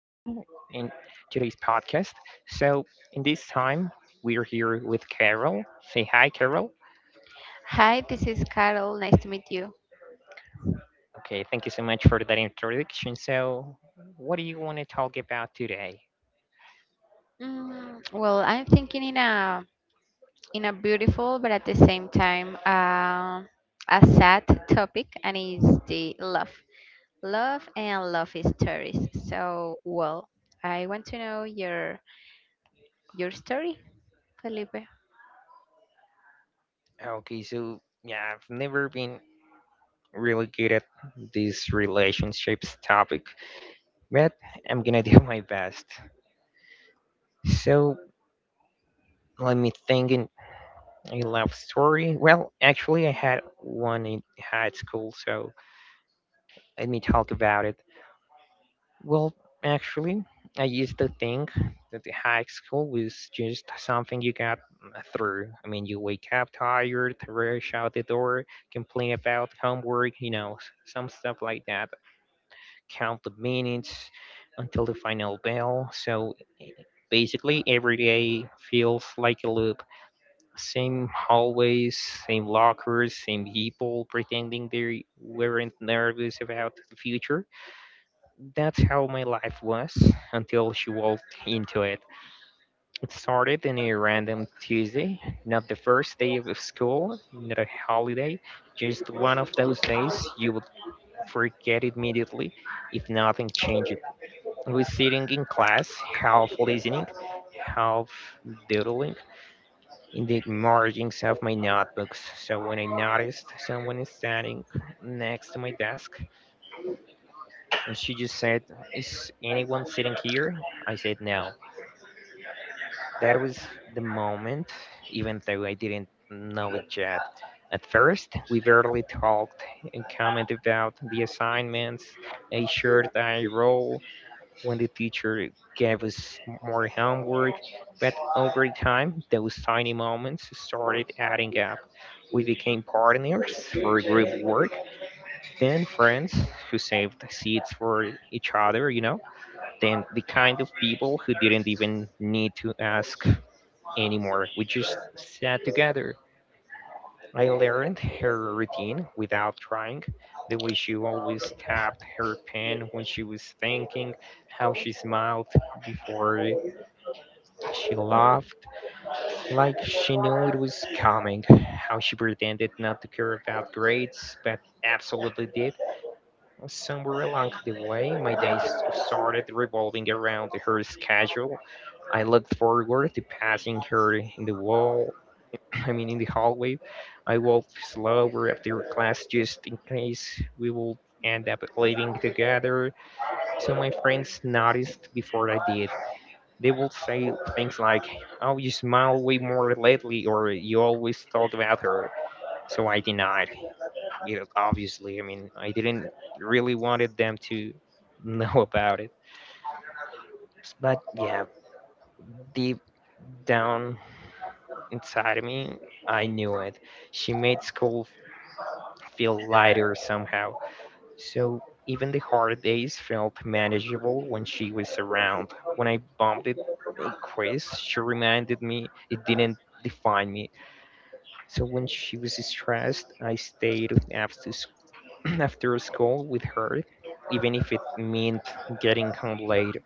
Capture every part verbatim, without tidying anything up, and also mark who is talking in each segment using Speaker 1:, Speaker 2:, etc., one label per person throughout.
Speaker 1: in today's podcast. So, in this time, we're here with Carol. Say hi, Carol.
Speaker 2: Hi, this is Carol. Nice to meet you.
Speaker 1: Okay, thank you so much for that introduction. So, what do you want to talk about today?
Speaker 2: Mm, well, I'm thinking in a in a beautiful but at the same time uh, a sad topic, and it's the love, love and love stories. So, well, I want to know your your story, Felipe.
Speaker 1: Okay, so yeah, I've never been really good at this relationships topic, but I'm gonna do my best. So, let me think. And A love story? Well, actually, I had one in high school, so let me talk about it. Well, actually, I used to think that the high school was just something you got uh, through. I mean, you wake up tired, rush out the door, complain about homework, you know, s- some stuff like that, count the minutes until the final bell. So e, e, basically, every day feels like a loop. Same hallways, same lockers, same people pretending they weren't nervous about the future. That's how my life was until she walked into it. It started in a random Tuesday, not the first day of school, not a holiday, just one of those days you would forget immediately if nothing changed. I was sitting in class, half listening, half doodling, in the margins of my notebooks. So when I noticed someone is standing next to my desk, and she just said, "Is anyone sitting here?" I said, "No." That was the moment, even though I didn't know it yet. At first, we barely talked and commented about the assignments, a shirt I roll, when the teacher gave us more homework, but over time, those tiny moments started adding up. We became partners for group work, then friends who saved seats for each other, you know, then the kind of people who didn't even need to ask anymore. We just sat together. I learned her routine without trying, the way she always tapped her pen when she was thinking, how she smiled before she laughed like she knew it was coming. How she pretended not to care about grades, but absolutely did. Somewhere along the way, my days started revolving around her schedule. I looked forward to passing her in the wall, I mean, in the hallway. I walked slower after class just in case we would end up leaving together, so my friends noticed before I did. They will say things like, "Oh, you smile way more lately," or "You always thought about her." So I denied it. Obviously, I mean, I didn't really wanted them to know about it. But yeah, deep down inside of me, I knew it. She made school feel lighter somehow. So even the hard days felt manageable when she was around. When I bumped it a quiz, she reminded me it didn't define me. So when she was stressed, I stayed after s- after school with her, even if it meant getting home late.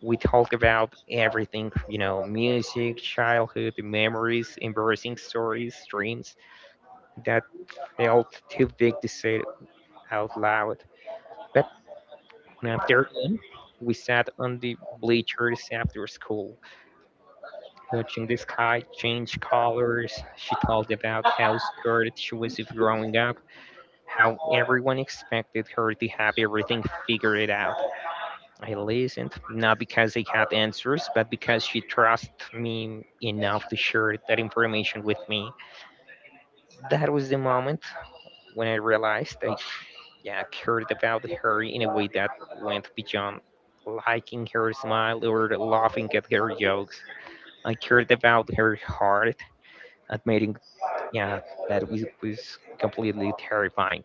Speaker 1: We talked about everything, you know, music, childhood memories, embarrassing stories, dreams that felt too big to say out loud. But one afternoon, we sat on the bleachers after school, watching the sky change colors. She talked about how scared she was of growing up, how everyone expected her to have everything figured out. I listened, not because I had answers, but because she trusted me enough to share that information with me. That was the moment when I realized I, yeah, cared about her in a way that went beyond liking her smile or laughing at her jokes. I cared about her heart, admitting, yeah, that was, was completely terrifying.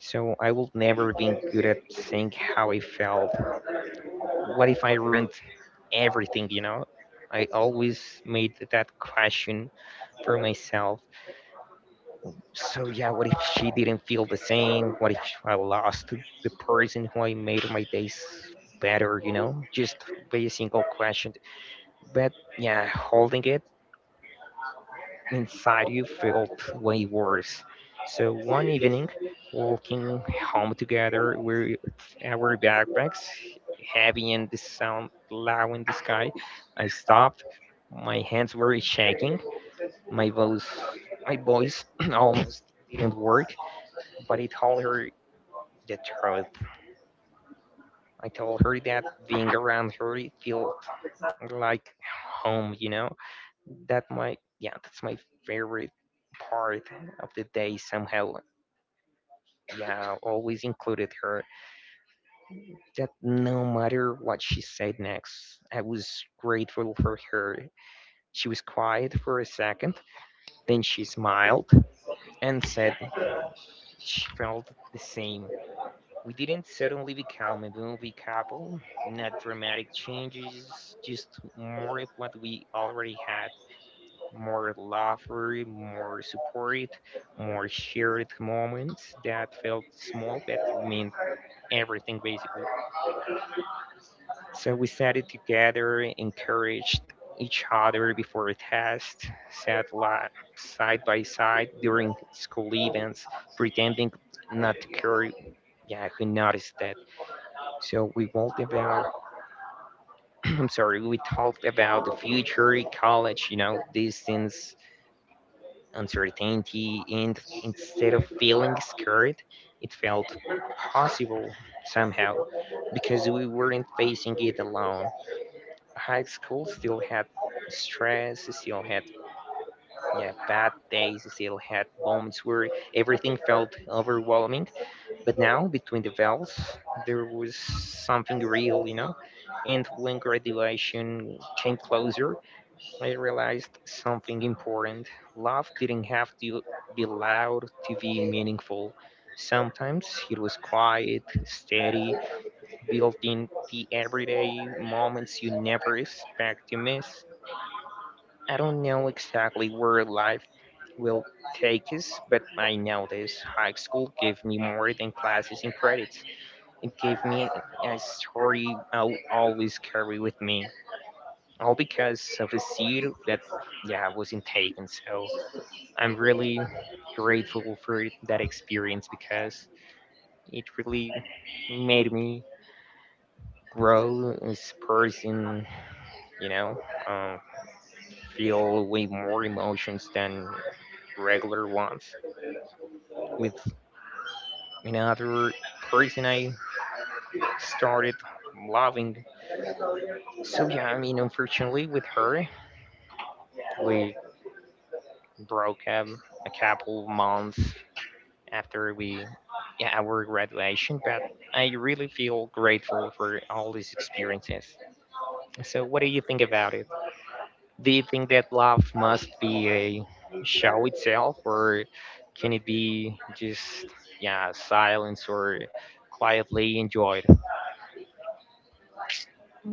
Speaker 1: So I will never been good at saying how I felt. What if I ruined everything, you know? I always made that question for myself. So yeah, what if she didn't feel the same? What if I lost the person who I made my days better, you know? Just by a single question. But yeah, holding it inside you felt way worse. So one evening, walking home together with our backpacks, heavy and the sound loud in the sky, I stopped. My hands were shaking. My voice, my voice almost didn't work, but I told her the truth. I told her that being around her it felt like home, you know. That my, yeah, that's my favorite part of the day somehow, yeah, always included her. That no matter what she said next, I was grateful for her. She was quiet for a second, then she smiled and said she felt the same. We didn't suddenly become a movie couple, not dramatic changes, just more of what we already had, more love, more support, more shared moments that felt small but meant everything basically. So we studied together, encouraged each other before a test, sat li- side by side during school events, pretending not to care. Yeah, who noticed that? So we talked about. I'm sorry. We talked about the future, college. You know, these things, uncertainty, and instead of feeling scared, it felt possible somehow because we weren't facing it alone. High school still had stress, still had, yeah, bad days, still had moments where everything felt overwhelming, but now between the valves there was something real, you know. And when graduation came closer, I realized something important. Love didn't have to be loud to be meaningful. Sometimes it was quiet, steady, built in the everyday moments you never expect to miss. I don't know exactly where life will take us, but I know this high school gave me more than classes and credits. It gave me a story I'll always carry with me, all because of a seed that, yeah, wasn't taken. So I'm really grateful for that experience because it really made me grow as a person, you know, um, feel way more emotions than regular ones. With another person I started loving. So yeah, I mean, unfortunately, with her, we broke up a couple months after we, yeah, our graduation. But I really feel grateful for all these experiences. So what do you think about it? Do you think that love must be a show itself, or can it be just, yeah, silence or quietly enjoyed?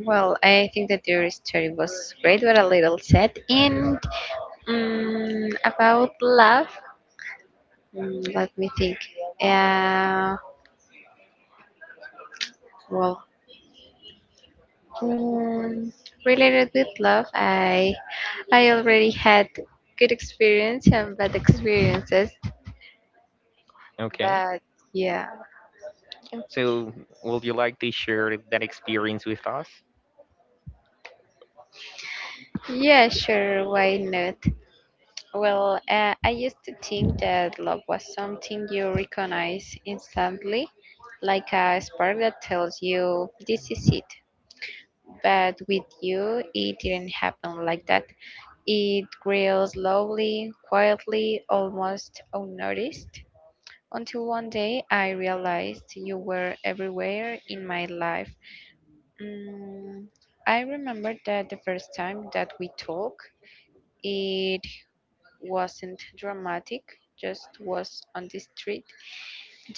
Speaker 2: Well, I think that your story was great, but a little sad. And um, about love, mm, let me think. Uh, well, Um, related with love, I I already had good experience and bad experiences,
Speaker 1: Okay.
Speaker 2: but yeah,
Speaker 1: So, would you like to share that experience with us?
Speaker 2: yeah, sure, why not? Well, uh, I used to think that love was something you recognize instantly, like a spark that tells you this is it. But with you, it didn't happen like that. It grew slowly, quietly, almost unnoticed. Until one day I realized you were everywhere in my life. Mm, I remember that the first time that we talked, it wasn't dramatic, just was on the street.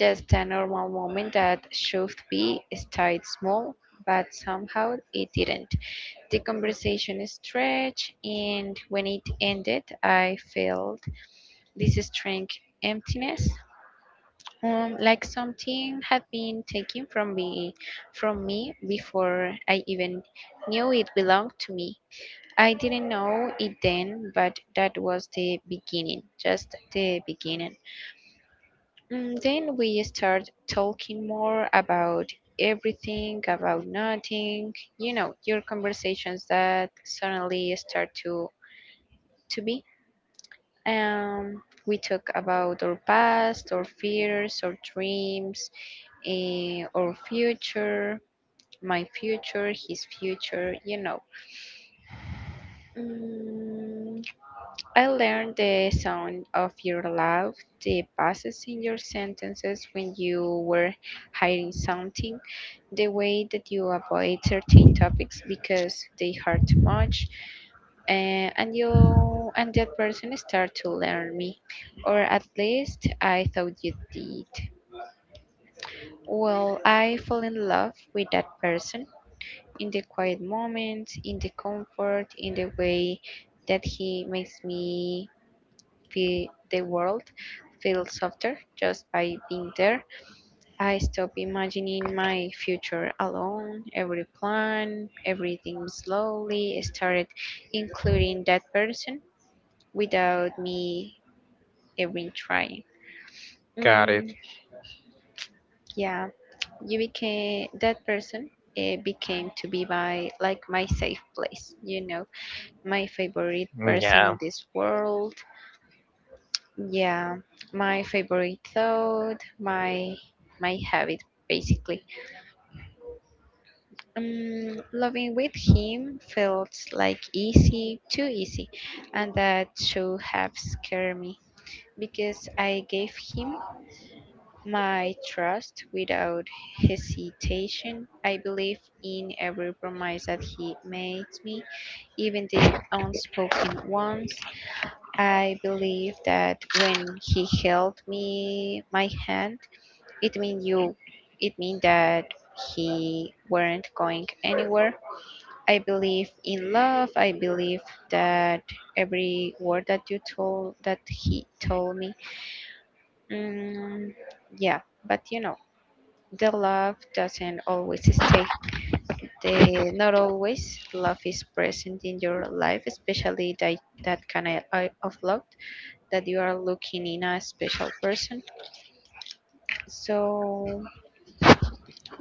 Speaker 2: Just a normal moment that should be stayed small, but somehow it didn't. The conversation stretched, and when it ended, I felt this strange emptiness. Um, like something had been taken from me, from me before I even knew it belonged to me. I didn't know it then, but that was the beginning, just the beginning. Mm, then we start talking more about everything, about nothing. You know, your conversations that suddenly start to to be. Um, we talk about our past, our fears, our dreams, eh, our future, my future, his future, you know. Mm, I learned the sound of your laugh, the pauses in your sentences when you were hiding something, the way that you avoid certain topics because they hurt too much, eh, and you and that person start to learn me, or at least I thought you did. Well, I fell in love with that person in the quiet moments, in the comfort, in the way that he makes me feel the world feel softer just by being there. I stop imagining my future alone, every plan, everything slowly started including that person without me even trying.
Speaker 1: Got it.
Speaker 2: Mm, yeah, you became that person. It became to be my like my safe place, you know. My favorite person
Speaker 1: Yeah,
Speaker 2: in this world. Yeah, my favorite thought, my my habit basically. Um, loving with him felt like easy, too easy, and that should have scared me because I gave him my trust without hesitation. I believe in every promise that he made me, even the unspoken ones. I believe that when he held me my hand, it mean you it mean that he weren't going anywhere. I believe in love. I believe that every word that you told that he told me. Mm, yeah, but you know, the love doesn't always stay. The not always love is present in your life, especially that that kind of uh, of love that you are looking in a special person. So,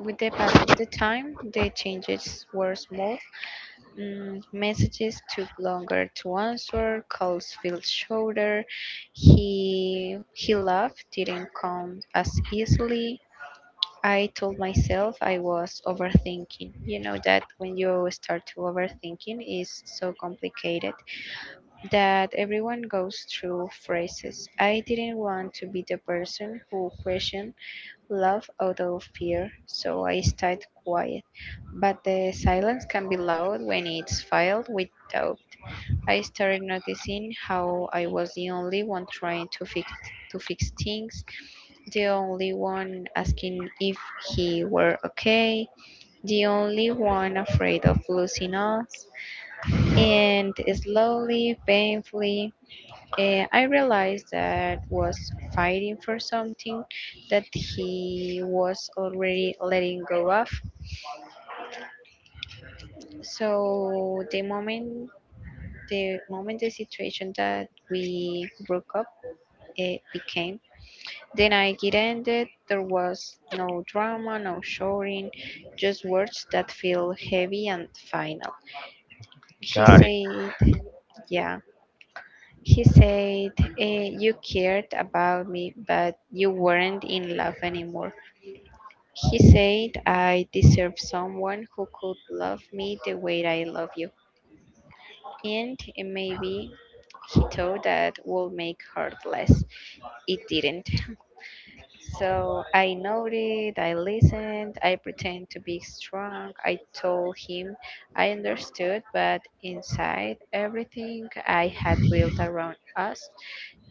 Speaker 2: with the pass of the time, the changes were small. Mm, messages took longer to answer, calls felt shorter. He he laughed didn't come as easily. I told myself I was overthinking. You know that when you start to overthinking is so complicated that everyone goes through phases. I didn't want to be the person who questioned laugh out of fear, so I stayed quiet. But the silence can be loud when it's filled with doubt. I started noticing how I was the only one trying to fix to fix things, the only one asking if he were okay, the only one afraid of losing us. And slowly, painfully, and I realized that was fighting for something that he was already letting go of. So the moment the moment the situation that we broke up it became. Then I get ended, there was no drama, no shouting, just words that feel heavy and final. He
Speaker 1: got it.
Speaker 2: said yeah. He said, eh, you cared about me, but you weren't in love anymore. He said I deserve someone who could love me the way I love you. And maybe he thought that would make her less. It didn't. So I nodded, I listened, I pretended to be strong. I told him I understood, but inside everything I had built around us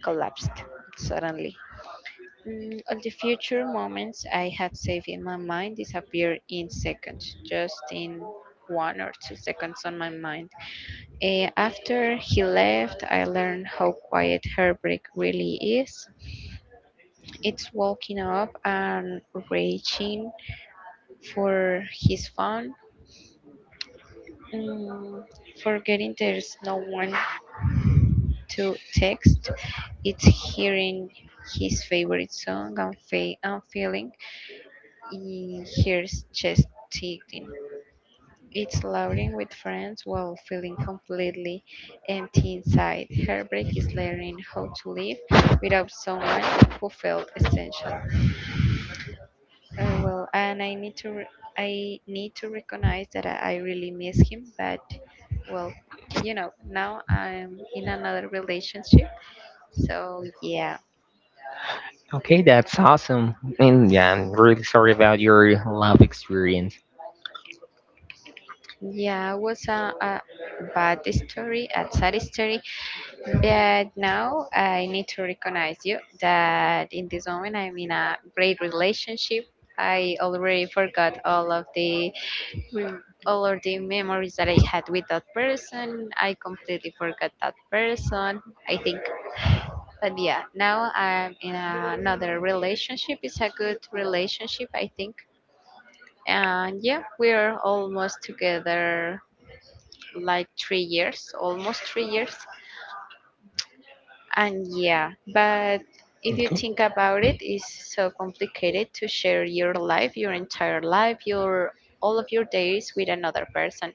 Speaker 2: collapsed suddenly. Mm, all the future moments I have saved in my mind disappear in seconds, just in one or two seconds on my mind. Eh, after he left, I learned how quiet heartbreak really is. It's walking up and reaching for his phone, mm, forgetting there's no one to text. It's hearing his favorite song and, fe- and feeling in his chest ticking. It's laughing with friends while feeling completely empty inside. Heartbreak is learning how to live without someone who felt essential. Uh, well, and I need to re- I need to recognize that I, I really miss him, but well, you know, now I'm in another relationship. So yeah,
Speaker 1: Okay, that's awesome. And yeah, I'm really sorry about your love experience.
Speaker 2: yeah, it was a, a bad story, a sad story. But now I need to recognize you that in this moment I'm in a great relationship. I already forgot all of the rem- all of the memories that I had with that person. I completely forgot that person. I think, but yeah, now I'm in another relationship. It's a good relationship, I think. And yeah, we're almost together like three years, almost three years. And yeah, but if you think about
Speaker 1: Mhm.
Speaker 2: it, it's so complicated to share your life, your entire life, your all of your days with another person.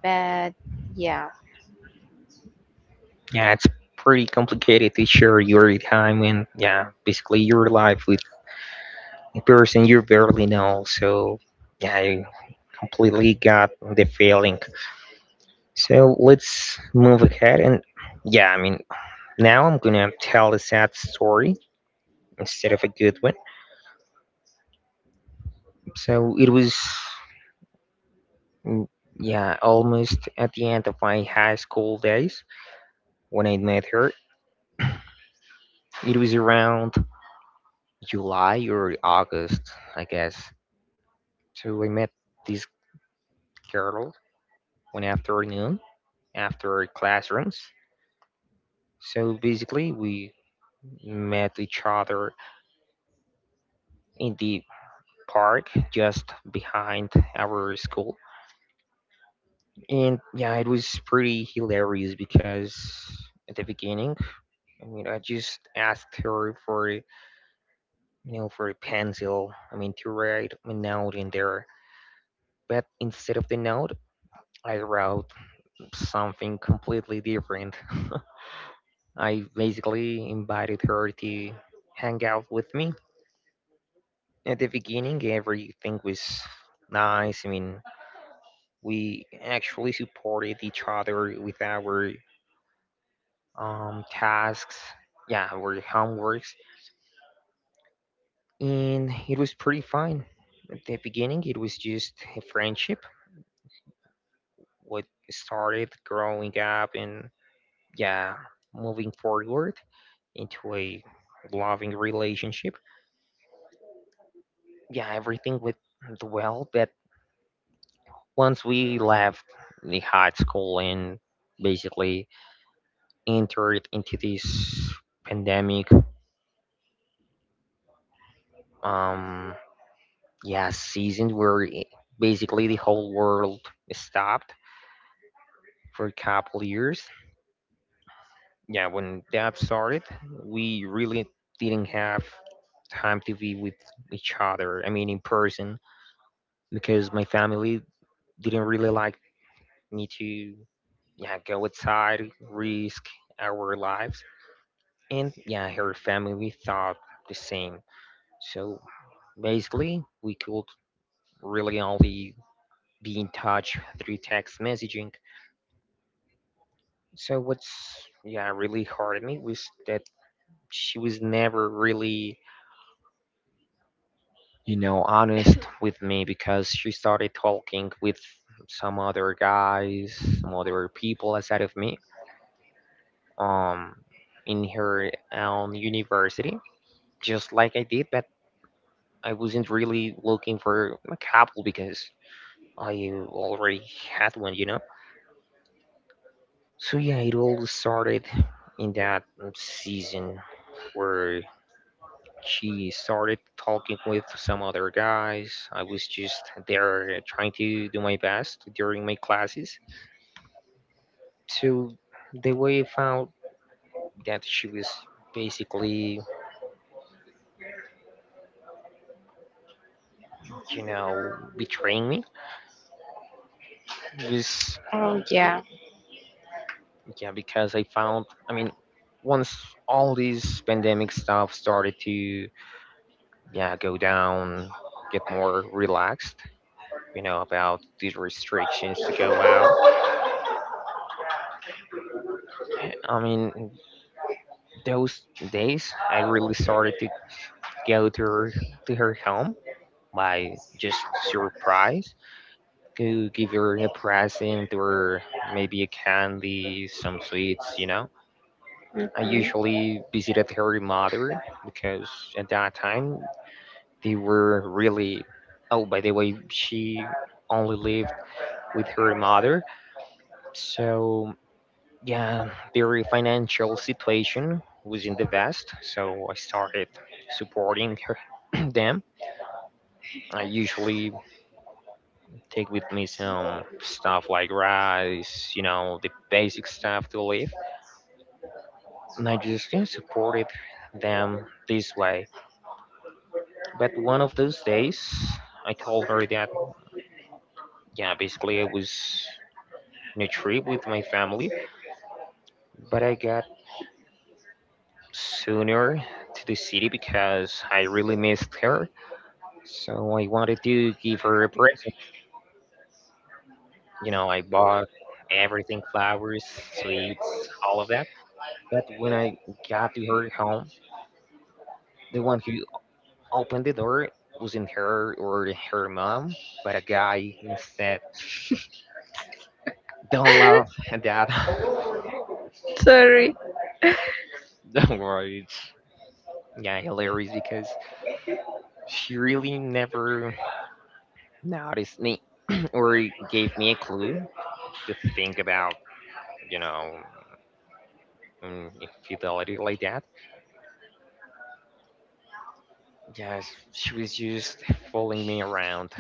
Speaker 2: But yeah.
Speaker 1: Yeah, it's pretty complicated to share your time and, yeah, basically your life with a person you barely know. So yeah, I completely got the feeling. So let's move ahead and, yeah, I mean, now I'm gonna tell a sad story instead of a good one. So it was, mm, yeah, almost at the end of my high school days when I met her. It was around July or August, I guess. So I met this girl one afternoon after classrooms. So basically we met each other in the park just behind our school. And yeah, it was pretty hilarious because at the beginning, I mean, I just asked her for, you know, for a pencil, I mean, to write a note in there. But instead of the note, I wrote something completely different. I basically invited her to hang out with me. At the beginning, everything was nice. I mean, we actually supported each other with our um, tasks, yeah, or homeworks, and it was pretty fine. At the beginning, it was just a friendship, what started growing up and, yeah, moving forward into a loving relationship. Yeah, everything went well, but once we left the high school and basically entered into this pandemic, um, yeah, season where i- basically the whole world stopped for a couple years. Yeah, when that started, we really didn't have time to be with each other. I mean, in person, because my family didn't really like me to, yeah, go outside, risk our lives, and yeah, her family thought the same. So basically, we could really only be in touch through text messaging. So what's, yeah, really hurt me was that she was never really, you know, honest with me because she started talking with some other guys, some other people outside of me, um, in her own university, just like I did, but I wasn't really looking for a couple because I already had one, you know? So yeah, it all started in that season where she started talking with some other guys. I was just there uh, trying to do my best during my classes. So the way I found that she was basically, you know, betraying me was,
Speaker 2: Oh yeah.
Speaker 1: yeah, because I found, I mean, once all this pandemic stuff started to, yeah, go down, get more relaxed, you know, about these restrictions to go out. I mean, those days, I really started to go to her, to her home by just surprise to give her a present or maybe a candy, some sweets, you know. I
Speaker 2: Mhm.
Speaker 1: usually visited her mother because at that time they were really. Oh, by the way, she only lived with her mother, so yeah, their financial situation wasn't the best, so I started supporting her, them. I usually take with me some stuff like rice, you know, the basic stuff to live, and I just yeah, supported them this way. But one of those days, I told her that yeah, basically I was on a trip with my family, but I got sooner to the city because I really missed her. So I wanted to give her a present. You know, I bought everything, flowers, sweets, all of that. But when I got to her home, the one who opened the door wasn't her or her mom, but a guy instead. Don't laugh at that.
Speaker 2: Sorry.
Speaker 1: Don't worry. it's- Yeah, hilarious because she really never noticed me or gave me a clue to think about, you know, mm, infidelity like that. Yes, she was just following me around.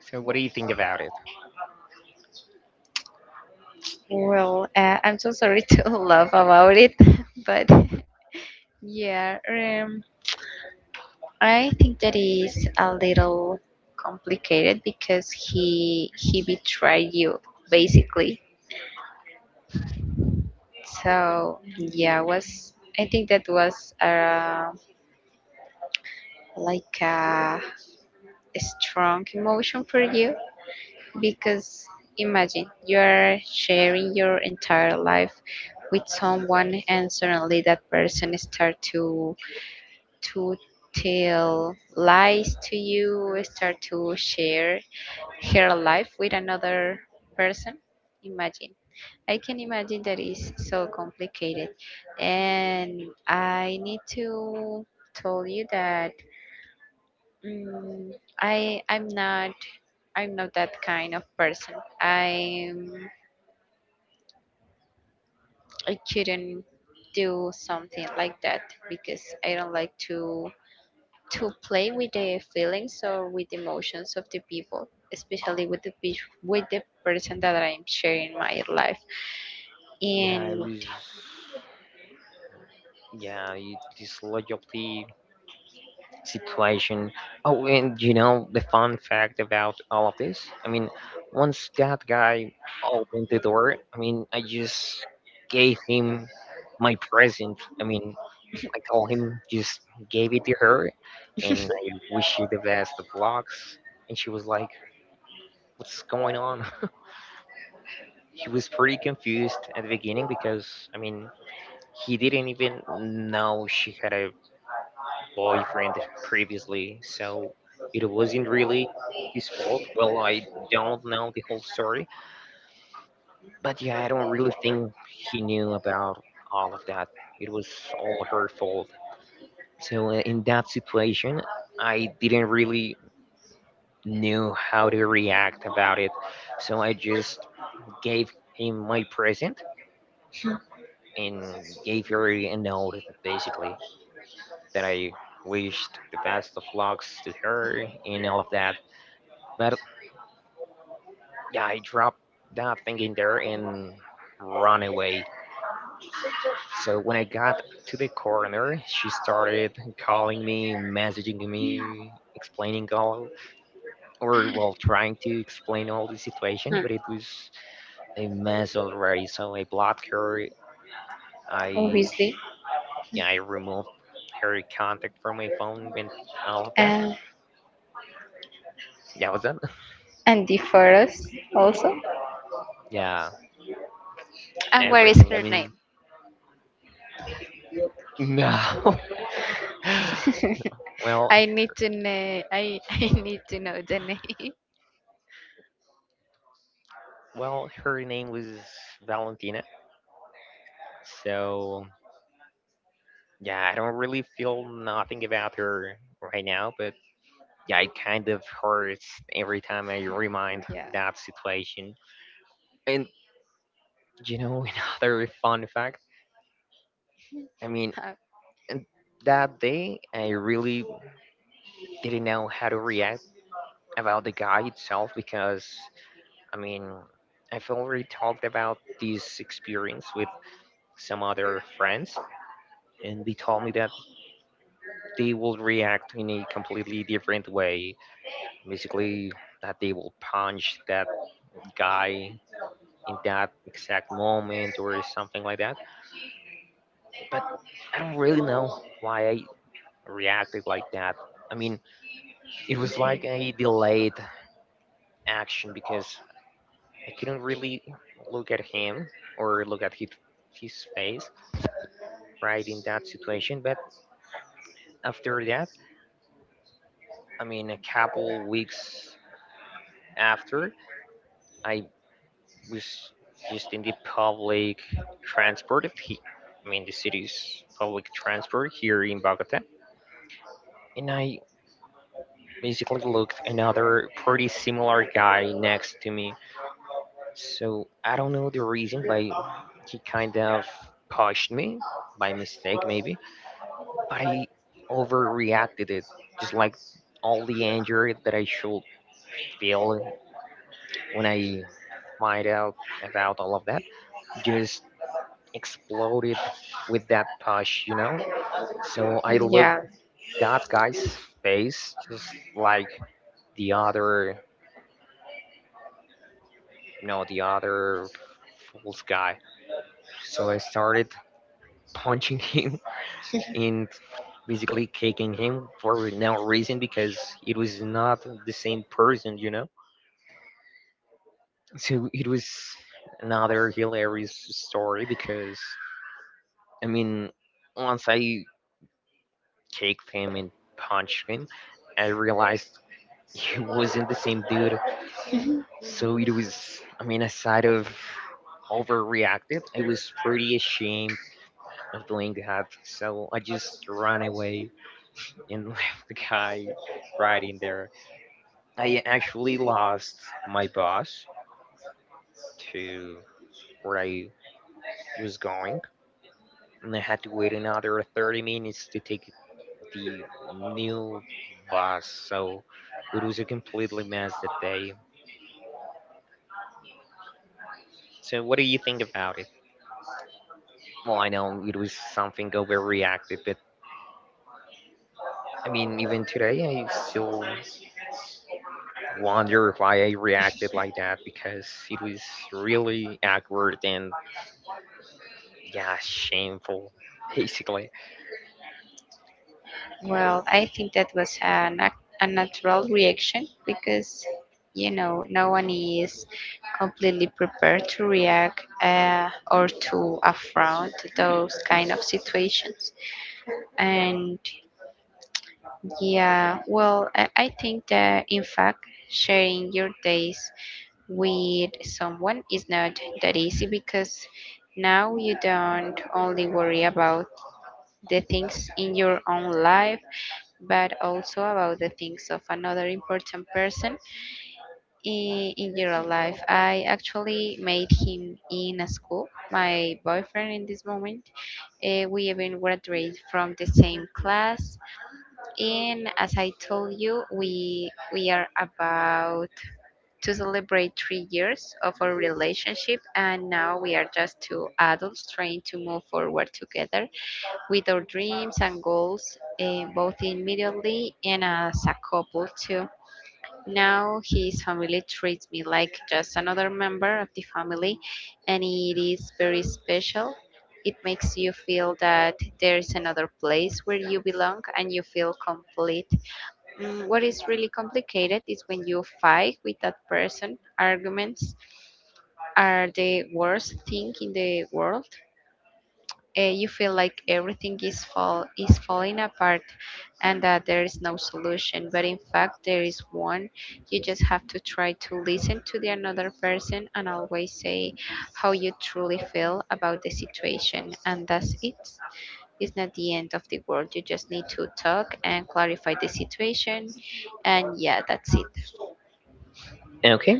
Speaker 1: So what do you think about it?
Speaker 2: Well, uh, I'm so sorry to laugh about it, but yeah, um, I think that is a little complicated because he he betrayed you basically. So yeah, was I think that was uh, like a strong emotion for you because imagine you are sharing your entire life with someone and suddenly that person start to to tell lies to you, start to share her life with another person. Imagine i can imagine that is so complicated, and I need to tell you that mm, i i'm not i'm not that kind of person. I i couldn't do something like that because I don't like to to play with the feelings or with the emotions of the people, especially with the pe- with the person that I'm sharing my life.
Speaker 1: Yeah, it
Speaker 2: In
Speaker 1: was. Yeah, you, this loyalty situation. Oh, and you know the fun fact about all of this? I mean, once that guy opened the door, I mean, I just gave him my present. I mean, I told him just gave it to her, and I wish you the best of lucks. And she was like, "What's going on?" He was pretty confused at the beginning because I mean he didn't even know she had a boyfriend previously, so it wasn't really his fault. Well, I don't know the whole story, but yeah, I don't really think he knew about all of that. It was all her fault. So uh, in that situation, I didn't really knew how to react about it. So I just gave him my present and gave her a note basically that I wished the best of lucks to her and all of that. But yeah, I dropped that thing in there and ran away. So when I got to the corner, she started calling me, messaging me, explaining all, or well, trying to explain all the situation.
Speaker 2: Hmm,
Speaker 1: But it was a mess already. So I blocked her. I
Speaker 2: obviously,
Speaker 1: yeah, I removed her contact from my phone and all of
Speaker 2: uh,
Speaker 1: that. Yeah, what's that?
Speaker 2: Andy Forrest also.
Speaker 1: Yeah,
Speaker 2: And what is
Speaker 1: everything. I
Speaker 2: her name?
Speaker 1: mean, no. well,
Speaker 2: I need to know. I I need to know the name.
Speaker 1: well, her name was Valentina. So yeah, I don't really feel nothing about her right now, but yeah, it kind of hurts every time I remind
Speaker 2: Yeah,
Speaker 1: that situation. And you know, another fun fact. I mean,
Speaker 2: Uh,
Speaker 1: and that day I really didn't know how to react about the guy itself because I mean, I've already talked about this experience with some other friends, and they told me that they will react in a completely different way. Basically, that they will punch that guy in that exact moment or something like that. But I don't really know why I reacted like that. I mean, it was like a delayed action because I couldn't really look at him or look at his, his face right in that situation. But after that, i mean a couple weeks after, I was just in the public transport of he, I mean the city's public transport here in Bogota. And I basically looked another pretty similar guy next to me. So I don't know the reason, but he kind of pushed me by mistake maybe, but I overreacted it, just like all the anger that I should feel when I find out about all of that just exploded with that push, you know. So I
Speaker 2: yeah.
Speaker 1: looked that guy's face, just like the other, you know, the other fool's guy. So I started punching him and basically kicking him for no reason because it was not the same person, you know. So it was another hilarious story because I mean, once I kicked him and punched him, I realized he wasn't the same dude. So it was, I mean, aside of overreacted, I was pretty ashamed of doing that. So I just ran away and left the guy right in there. I actually lost my boss to where I was going, and I had to wait another thirty minutes to take the new bus. So it was a completely mess that day. So what do you think about it? Well, I know it was something overreacted, but I mean, even today, I still wonder why I reacted like that because it was really awkward and yeah, shameful, basically.
Speaker 2: Well, I think that was a nat- a natural reaction because you know no one is completely prepared to react, uh, or to affront those kind of situations. And yeah, well, I I think that in fact, sharing your days with someone is not that easy because now you don't only worry about the things in your own life, but also about the things of another important person in, in your life. I actually made him in a school, my boyfriend in this moment. Uh, we even graduated from the same class. And as I told you, we we are about to celebrate three years of our relationship, and now we are just two adults trying to move forward together with our dreams and goals, eh, both immediately and as a couple too. Now his family treats me like just another member of the family, and it is very special. It makes you feel that there is another place where you belong and you feel complete. Mm, what is really complicated is when you fight with that person. Arguments are the worst thing in the world. Uh, you feel like everything is fall is falling apart and that there is no solution, but in fact there is one. You just have to try to listen to the another person and always say how you truly feel about the situation, and that's it. It's not the end of the world. You just need to talk and clarify the situation, and yeah, that's it.
Speaker 1: Okay,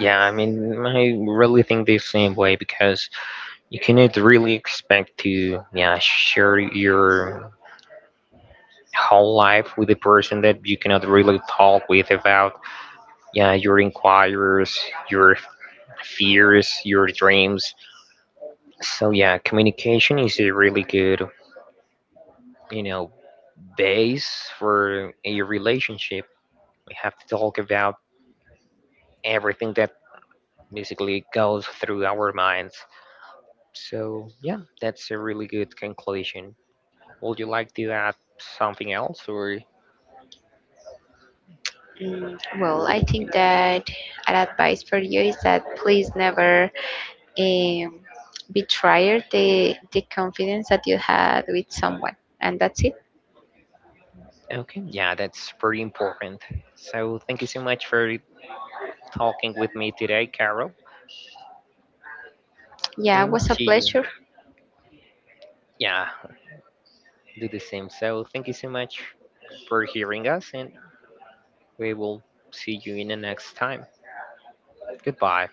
Speaker 1: yeah, I mean, I really think the same way because you cannot really expect to yeah share your whole life with a person that you cannot really talk with about yeah your inquiries, your fears, your dreams. So yeah, communication is a really good, you know, base for a relationship. We have to talk about everything that basically goes through our minds. So yeah, that's a really good conclusion. Would you like to add something else or
Speaker 2: Mm, Well,
Speaker 1: will
Speaker 2: I think
Speaker 1: be.
Speaker 2: that an advice for you is that please never um, betray the the confidence that you had with someone. And that's it.
Speaker 1: Okay, yeah, that's pretty important. So thank you so much for talking with me today, Carol.
Speaker 2: Yeah, it
Speaker 1: And
Speaker 2: was a
Speaker 1: see you.
Speaker 2: pleasure.
Speaker 1: Yeah, do the same. So thank you so much for hearing us, and we will see you in the next time. Goodbye.